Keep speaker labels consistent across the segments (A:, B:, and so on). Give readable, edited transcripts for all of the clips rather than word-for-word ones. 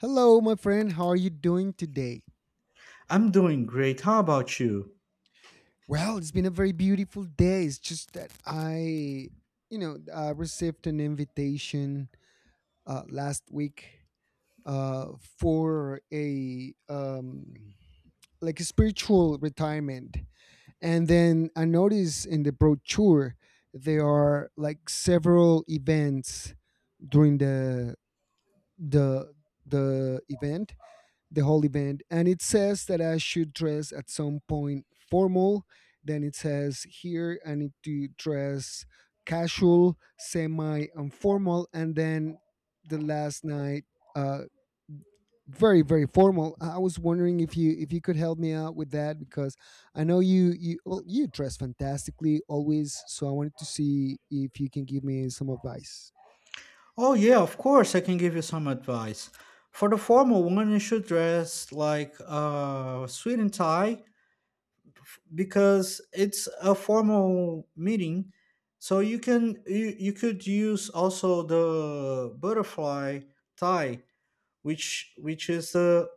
A: Hello, my friend. How are you doing today?
B: I'm doing great. How about you?
A: Well, it's been a very beautiful day. It's just that I received an invitation last week uh, for a like a spiritual retirement, and then I noticed in the brochure there are like several events during the the event, the whole event. And it says that I should dress at some point formal. Then it says here I need to dress casual, semi, and formal. And then the last night, uh, very formal. I was wondering if you could help me out with that, because I know you, you dress fantastically always, so I wanted to see if you can give me some advice.
B: Oh, yeah, of course, I can give you some advice. For the formal one, you should dress like a suit and tie because it's a formal meeting. So you could use also the butterfly tie, which is the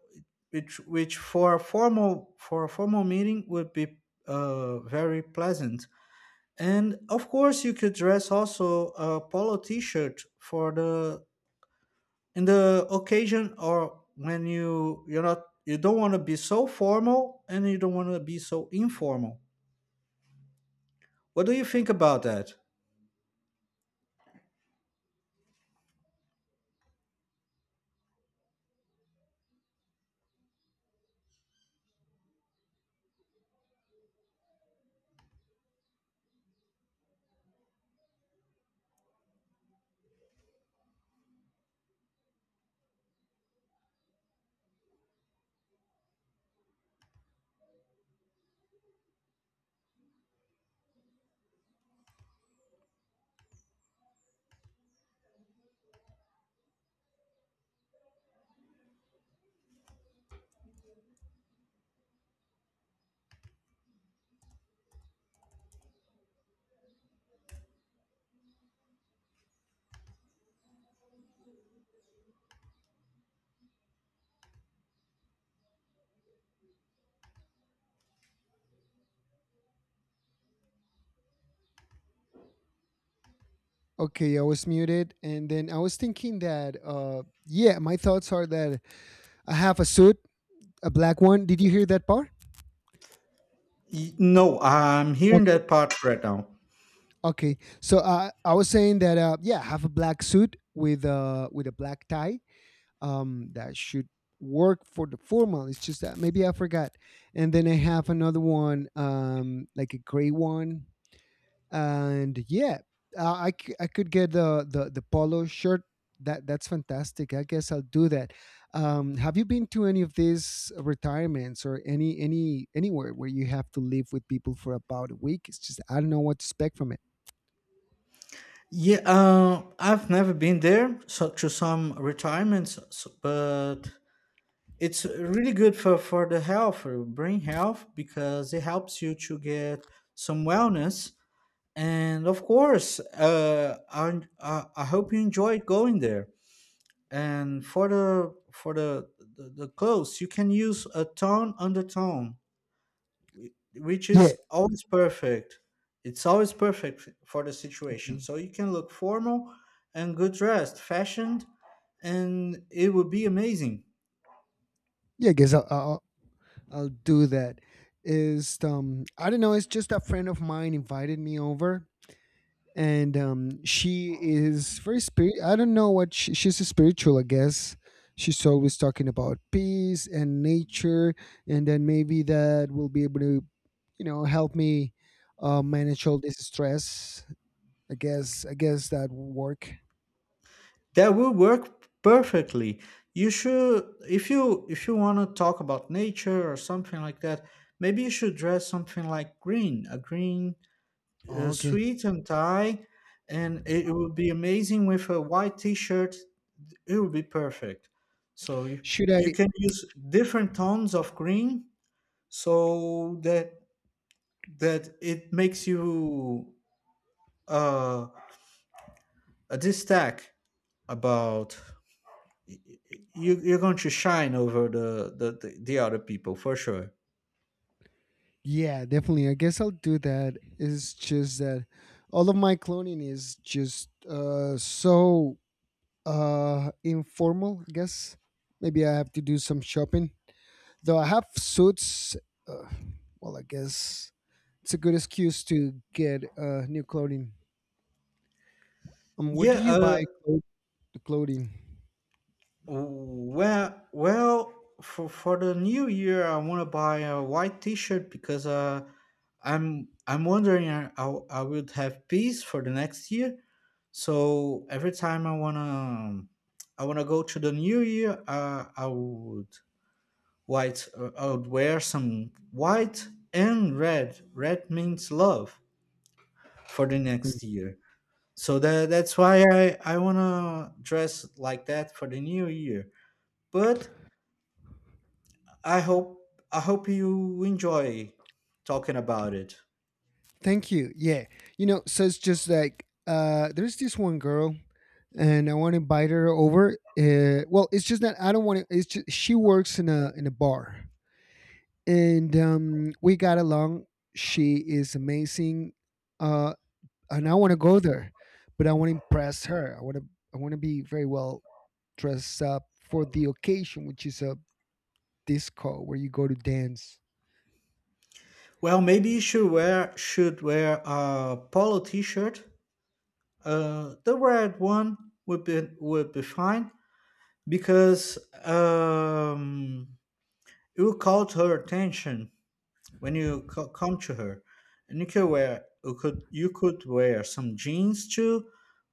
B: which for a formal meeting would be very pleasant. And of course, you could dress also a polo T-shirt for the in the occasion, or when you you're not you don't want to be so formal and you don't want to be so informal. What do you think about that?
A: Okay, I was muted, and then I was thinking that yeah, my thoughts are that I have a suit, a black one. Did you hear that part?
B: No, I'm hearing that
A: Okay.
B: part right now.
A: Okay. So I was saying that yeah, I have a black suit with a black tie. That should work for the formal. It's just that maybe I forgot. And then I have another one, like a gray one, and yeah, I could get the polo shirt. That that's fantastic, I guess I'll do that. Have you been to any of these retirements or anywhere where you have to live with people for about a week? It's just I don't know what to expect from it.
B: Yeah, I've never been there, so to some retirements, but it's really good for the health, for brain health, because it helps you to get some wellness. And of course, I hope you enjoyed going there. And for the the clothes, you can use a tone undertone, which is
A: Yeah.
B: always perfect. It's always perfect for the situation.
A: Okay.
B: So you can look formal and good dressed, fashioned, and it would be amazing.
A: Yeah, I guess I'll do that. Is I don't know, it's just a friend of mine invited me over, and she is very spirit. I don't know what she, she's a spiritual, I guess. She's always talking about peace and nature, and then maybe that will be able to, help me manage all this stress. I guess that will work.
B: That will work perfectly. You should, if you want to talk about nature or something like that, maybe you should dress something like green,
A: Oh, okay.
B: suit and tie, and it would be amazing with a white t-shirt. It would be perfect. So
A: Should
B: you
A: I?
B: can use different tones of green so that that it makes you uh a distack about. You're going to shine over the other people for sure.
A: Yeah, definitely. I guess I'll do that. It's just that all of my cloning is just so informal, I guess. Maybe I have to do some shopping, though I have suits. uh, well, I guess it's a good excuse to get new clothing. Where do
B: Yeah.
A: you buy the clothing?
B: Well. Well. For the new year, I want to buy a white T-shirt because I'm wondering I would have peace for the next year. So every time I wanna go to the new year, I would white I would wear some white and red. Red means love for the
A: Mm.
B: next year. So that's why I wanna dress like that for the new year. But I hope I hope you enjoy talking about it.
A: Thank you. Yeah, you know, so it's just like there's this one girl, and I want to invite her over. Well, it's just that I don't want to, it's just she works in a bar, and we got along. She is amazing. uh and I want to go there, but I want to impress her. I want to be very well dressed up for the occasion, which is a disco where you go to dance.
B: Well, maybe you should wear a polo t-shirt. The red one would be fine because um, it will call her attention when come to her, and you could wear some jeans too,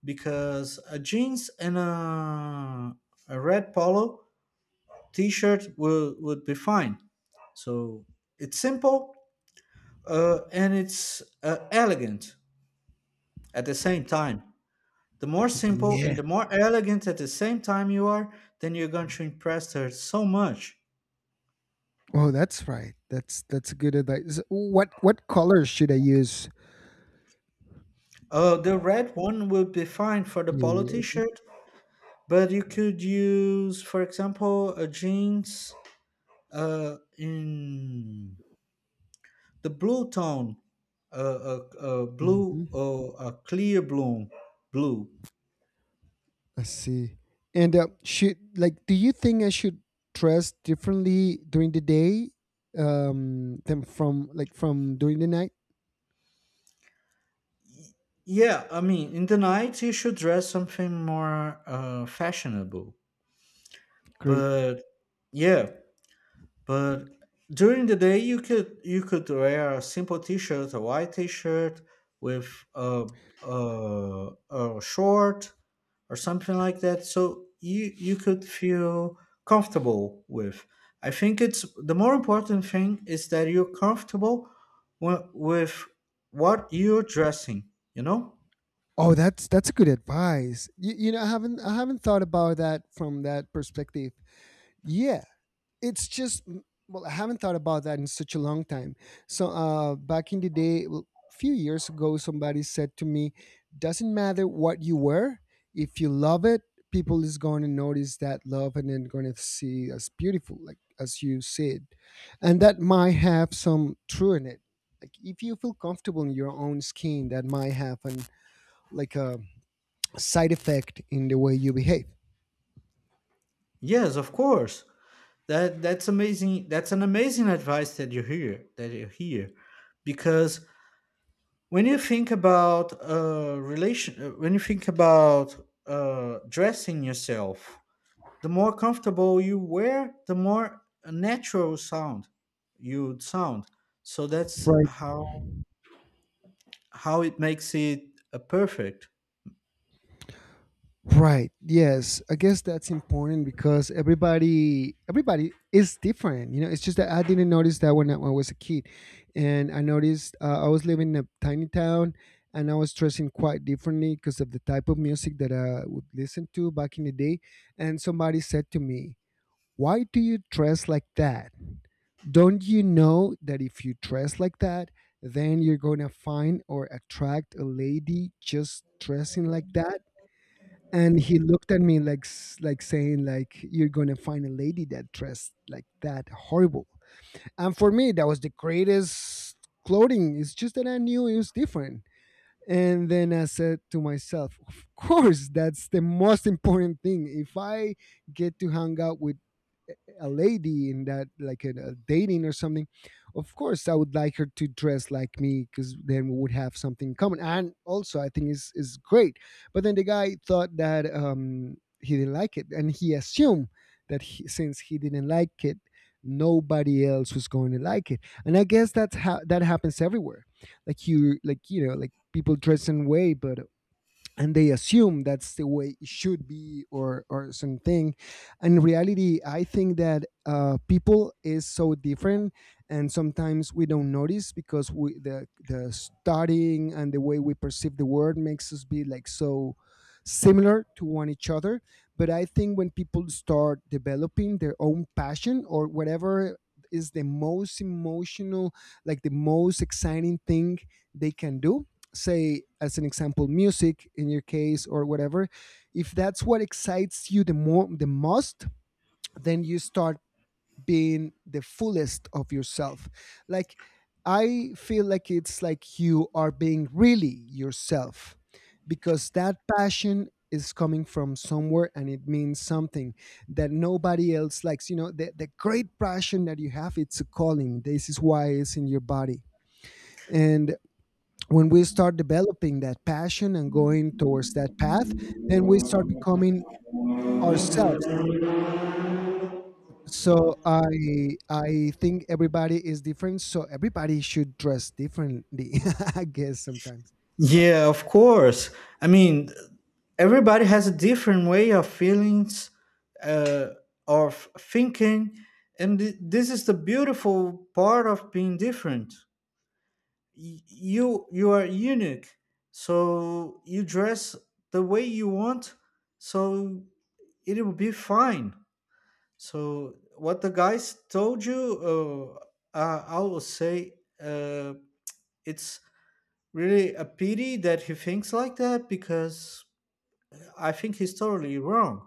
B: because a jeans and a red polo t-shirt would be fine. So it's simple, and it's elegant at the same time. The more simple
A: Yeah.
B: and the more elegant at the same time you are, then you're going to impress her so much.
A: Oh, that's right. That's a good advice. So, what colors should I use?
B: Uh, the red one will be fine for the
A: Yeah,
B: polo
A: yeah, okay.
B: t-shirt. But you could use, for example, a jeans, in the blue tone. A blue
A: Hmm.
B: or a clear blue.
A: I see. And should like, do you think I should dress differently during the day, than from like from during the night?
B: Yeah, I mean in the night you should dress something more fashionable.
A: Great.
B: But yeah. But during the day, you could wear a simple T-shirt, a white T-shirt with a short or something like that. So you could feel comfortable with. I think it's the more important thing is that you're comfortable with what you're dressing. You know?
A: Oh, that's a good advice. You know, I haven't thought about that from that perspective. Yeah, it's just well, I haven't thought about that in such a long time. So, back in the day, well, few years ago, somebody said to me, "Doesn't matter what you wear, if you love it, people is going to notice that love, and then going to see as beautiful, like as you said." And that might have some true in it. Like if you feel comfortable in your own skin, that might have an like a side effect in the way you behave.
B: Yes, of course. That that's amazing. That's an amazing advice that you hear, because when you think about relation when you think about dressing yourself, the more comfortable you wear, the more natural sound you'd sound. So that's
A: Right.
B: how it makes it perfect.
A: Right. Yes, I guess that's important because everybody is different. You know, it's just that I didn't notice that when I was a kid. And I noticed I was living in a tiny town, and I was dressing quite differently because of the type of music that I would listen to back in the day. And somebody said to me, why do you dress like that? Don't you know that if you dress like that, then you're going to find or attract a lady just dressing like that? And he looked at me like like saying like you're going to find a lady that dressed like that horrible. And for me that was the greatest clothing. It's just that I knew it was different. And then I said to myself, of course that's the most important thing. If I get to hang out with a lady in that like in a dating or something, of course I would like her to dress like me because then we would have something in common, and also I think is great. But then the guy thought that he didn't like it, and he assumed since he didn't like it, nobody else was going to like it. And I guess that's how that happens everywhere. You know, like people dress in way, but and they assume that's the way it should be, or something. In reality I think that people is so different, and sometimes we don't notice because we the studying and the way we perceive the world makes us be like so similar to one each other. But I think when people start developing their own passion or whatever is the most emotional, like the most exciting thing they can do, say as an example music in your case or whatever. If that's what excites you the more the most, then you start being the fullest of yourself. Like I feel like it's like you are being really yourself, because that passion is coming from somewhere and it means something that nobody else likes. You know, the great passion that you have, it's a calling, this is why it's in your body. And when we start developing that passion and going towards that path, then we start becoming ourselves. So I think everybody is different, so everybody should dress differently I guess sometimes.
B: Yeah, of course. I mean everybody has a different way of feelings, uh, of thinking, and this is the beautiful part of being different. You are unique. So you dress the way you want, so it will be fine. So what the guys told you, I will say, uh, it's really a pity that he thinks like that because I think he's totally wrong.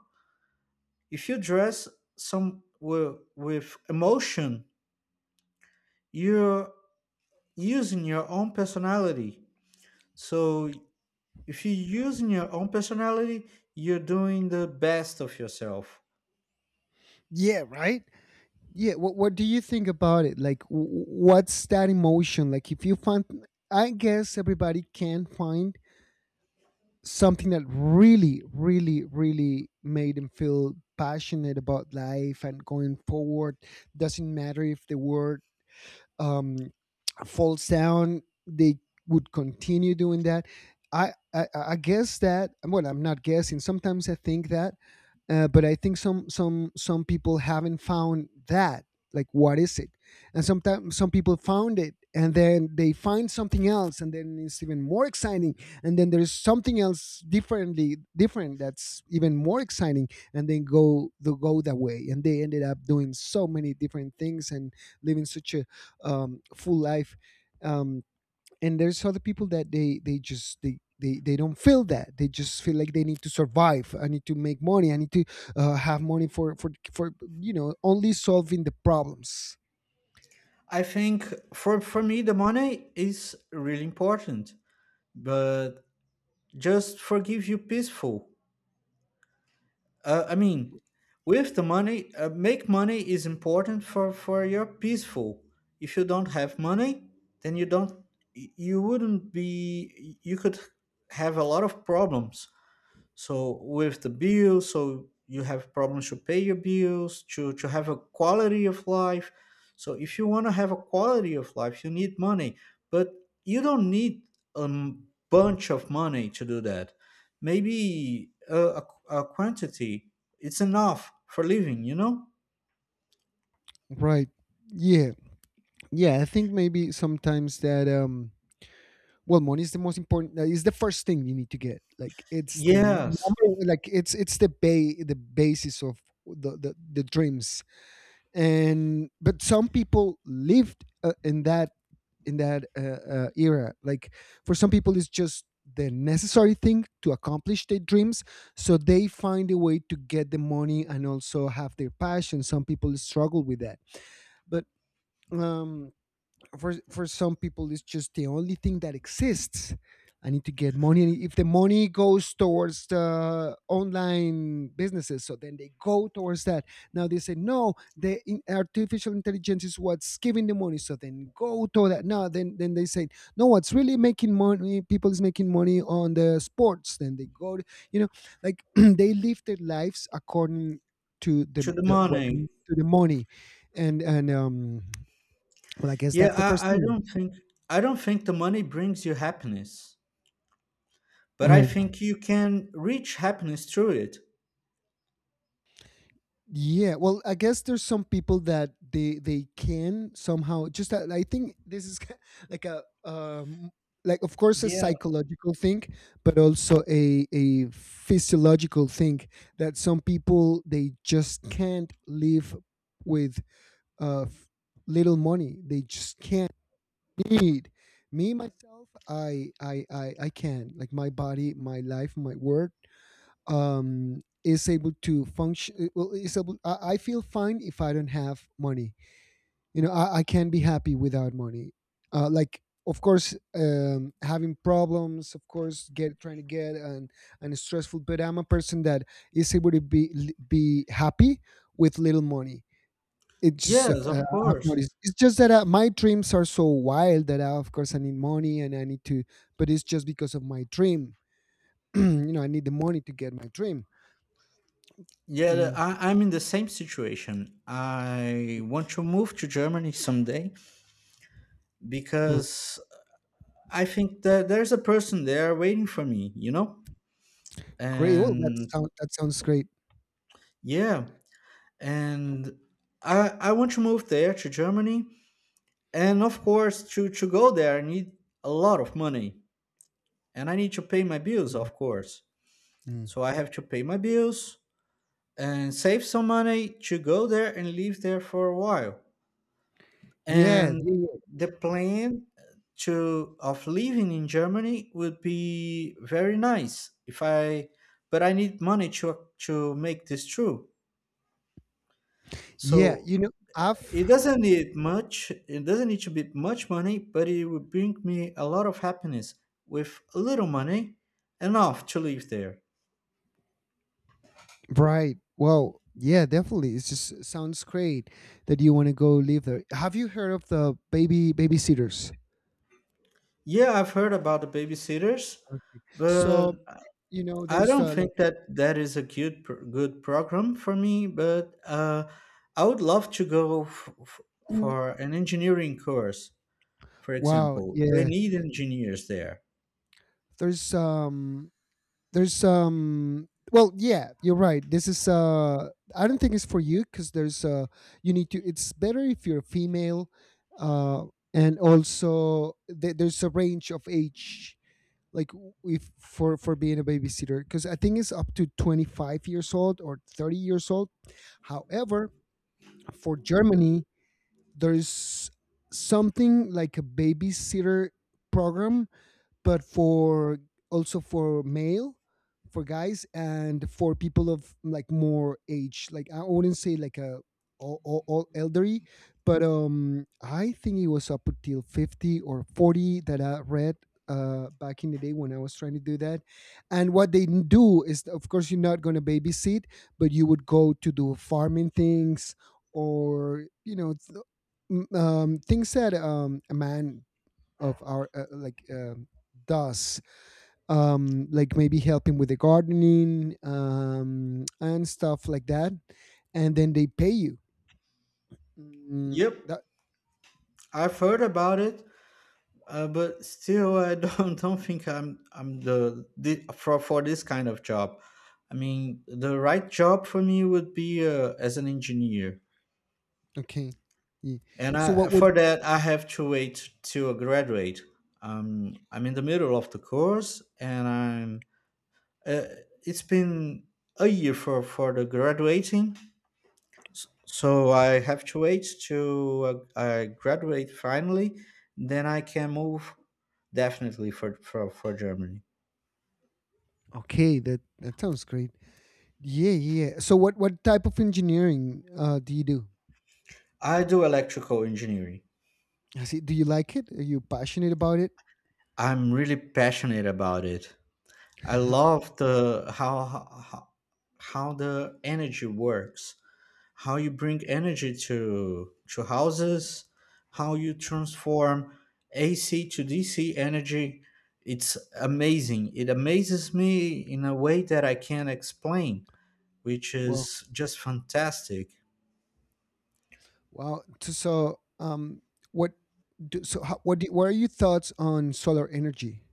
B: If you dress some with emotion, you're using your own personality. So if you're using your own personality, you're doing the best of yourself.
A: Yeah. Right. Yeah, what do you think about it, like what's that emotion? Like if you find, I guess everybody can find something that really, really, really made him feel passionate about life and going forward. Doesn't matter if the word um, falls down, they would continue doing that. I guess that, well, I'm not guessing. Sometimes I think that but I think some people haven't found that. Like, what is it? And sometimes some people found it, and then they find something else, and then it's even more exciting. And then there's something else differently different that's even more exciting, and then go that way. And they ended up doing so many different things and living such a full life. Um, and there's other people that they don't feel that. They just feel like they need to survive. I need to make money, I need to have money for for you know only solving the problems.
B: I think for me, the money is really important, but just forgive you peaceful. I mean, with the money, make money is important for your peaceful. If you don't have money, then you don't, y- you wouldn't you could have a lot of problems. So with the bill, so you have problems to pay your bills, to have a quality of life. So if you want to have a quality of life, you need money. But you don't need bunch of money to do that. Maybe a quantity, it's enough for living, you know.
A: Right. Yeah. Yeah, I think maybe sometimes that well, money is the most important, it's the first thing you need to get. Like it's the
B: Yes.
A: number, like it's the the basis of the dreams. And but some people lived in that, in that uh, era. Like for some people it's just the necessary thing to accomplish their dreams, so they find a way to get the money and also have their passion. Some people struggle with that, but um for some people it's just the only thing that exists. I need to get money, and if the money goes towards the online businesses, so then they go towards that. Now they say no, the artificial intelligence is what's giving the money, so then go to that. No, then then they say no, what's really making money, people is making money on the sports, then they go to, you know, like they live their lives according to
B: To the
A: the what
B: money.
A: to the money. And well, I guess
B: Yeah,
A: that's the first
B: I
A: thing.
B: don't think the money brings you happiness, but I
A: Right.
B: think you can reach happiness through it.
A: Yeah. Well, I guess there's some people that they can somehow just that I think this is like a like of course a
B: Yeah.
A: psychological thing, but also a physiological thing, that some people they just can't live with uh f- little money. They just can't need me myself. I can like my body, my life, my work. Is able to function. Well, is able. I feel fine if I don't have money. You know, I can be happy without money. Like, of course, having problems. Of course, get trying to get and stressful. But I'm a person that is able to be happy with little money. It just if,
B: Yes, of
A: I've
B: course.
A: noticed. It's just that my dreams are so wild that I, of course I need money and I need to. But it's just because of my dream. You know, I need the money to get my dream.
B: Yeah,
A: Mm.
B: I'm in the same situation. I want to move to Germany someday because I think that there's a person there waiting for me, you know?
A: Great. Well, that
B: And
A: sound that sounds great.
B: yeah, and I want to move there to Germany. And of course, to go there, I need a lot of money. And I need to pay my bills,
A: Mm,
B: of course.
A: mm.
B: So I have to pay my bills and save some money to go there and live there for a while.
A: Yeah,
B: And
A: yeah, yeah.
B: the plan to of living in Germany would be very nice if I but I need money to make this true.
A: Yeah,
B: So
A: you know, I've
B: it doesn't need much. It doesn't need to be much money, but it would bring me a lot of happiness with a little money, enough to live there.
A: right. Well, yeah, definitely. It just sounds great that you want to go live there. Have you heard of the babysitters?
B: Yeah, I've heard about the babysitters, but
A: So, you know,
B: I
A: there's
B: don't
A: like
B: think that that is a good good program for me. But I would love to go
A: mm,
B: for an engineering course, for
A: wow,
B: example. They
A: yeah.
B: need engineers there.
A: There's um there's well, yeah, you're right, this is I don't think it's for you because there's you need to, it's better if you're female, uh and also there's a range of age. Like if for for being a babysitter, because I think it's up to 25 years old or 30 years old. However, for Germany, there's something like a babysitter program, but for also for male, for guys, and for people of like more age. Like I wouldn't say like a all elderly, but I think it was up until 50 or 40 that I read, back in the day when I was trying to do that. And what they do is of course you're not going to babysit, but you would go to do farming things, or you know things that a man of our like does, like maybe helping with the gardening and stuff like that. And then they pay you. Mm,
B: Yep,
A: that
B: I've heard about it, but still, I don't don't think I'm the for this kind of job. I mean, the right job for me would be as an engineer.
A: okay. Yeah.
B: And
A: So
B: I,
A: what would
B: for that, I have to wait till I graduate. I'm in the middle of the course, and I'm. Uh, it's been a year for the graduating, so I have to wait till I graduate finally. Then I can move definitely for Germany.
A: okay that that sounds great. Yeah, yeah, so what type of engineering do you do?
B: I do electrical engineering.
A: I see, do you like it, are you passionate about it?
B: I'm really passionate about it. I love the how how, how the energy works, how you bring energy to houses, how you transform AC to DC energy. It's amazing. It amazes me in a way that I can't explain, which
A: Well,
B: is just fantastic.
A: wow. So, what? What? What are your thoughts on solar energy?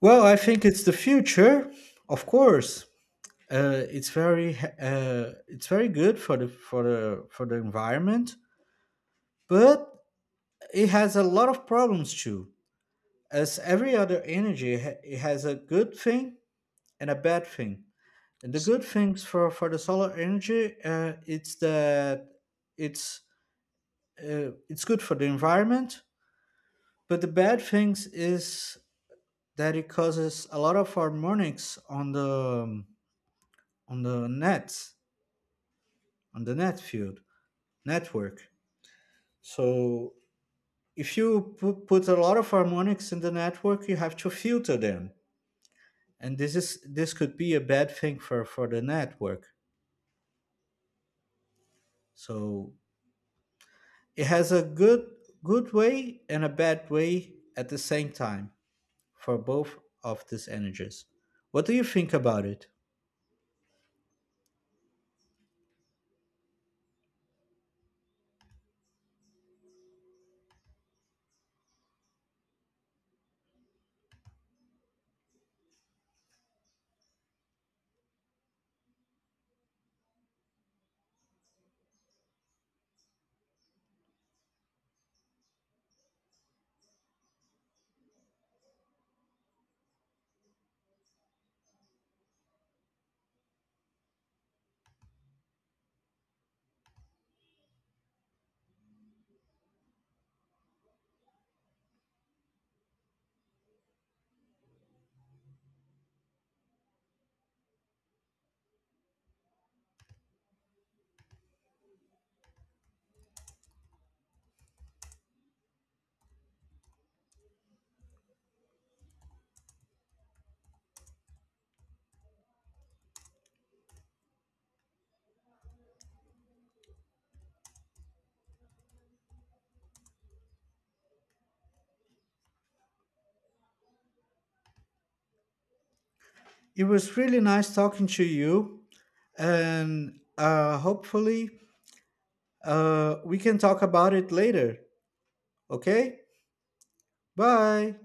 B: Well, I think it's the future, of course. It's very good for the for the environment, but it has a lot of problems too. As every other energy, it it has a good thing and a bad thing. And the
A: S-
B: good things for the solar energy, it's that it's it's good for the environment. But the bad things is that it causes a lot of harmonics on the nets on the network. So if you put a lot of harmonics in the network, you have to filter them, and this could be a bad thing for the network. So it has a good way and a bad way at the same time for both of these energies. What do you think about it? It was really nice talking to you, and hopefully we can talk about it later. Okay, bye.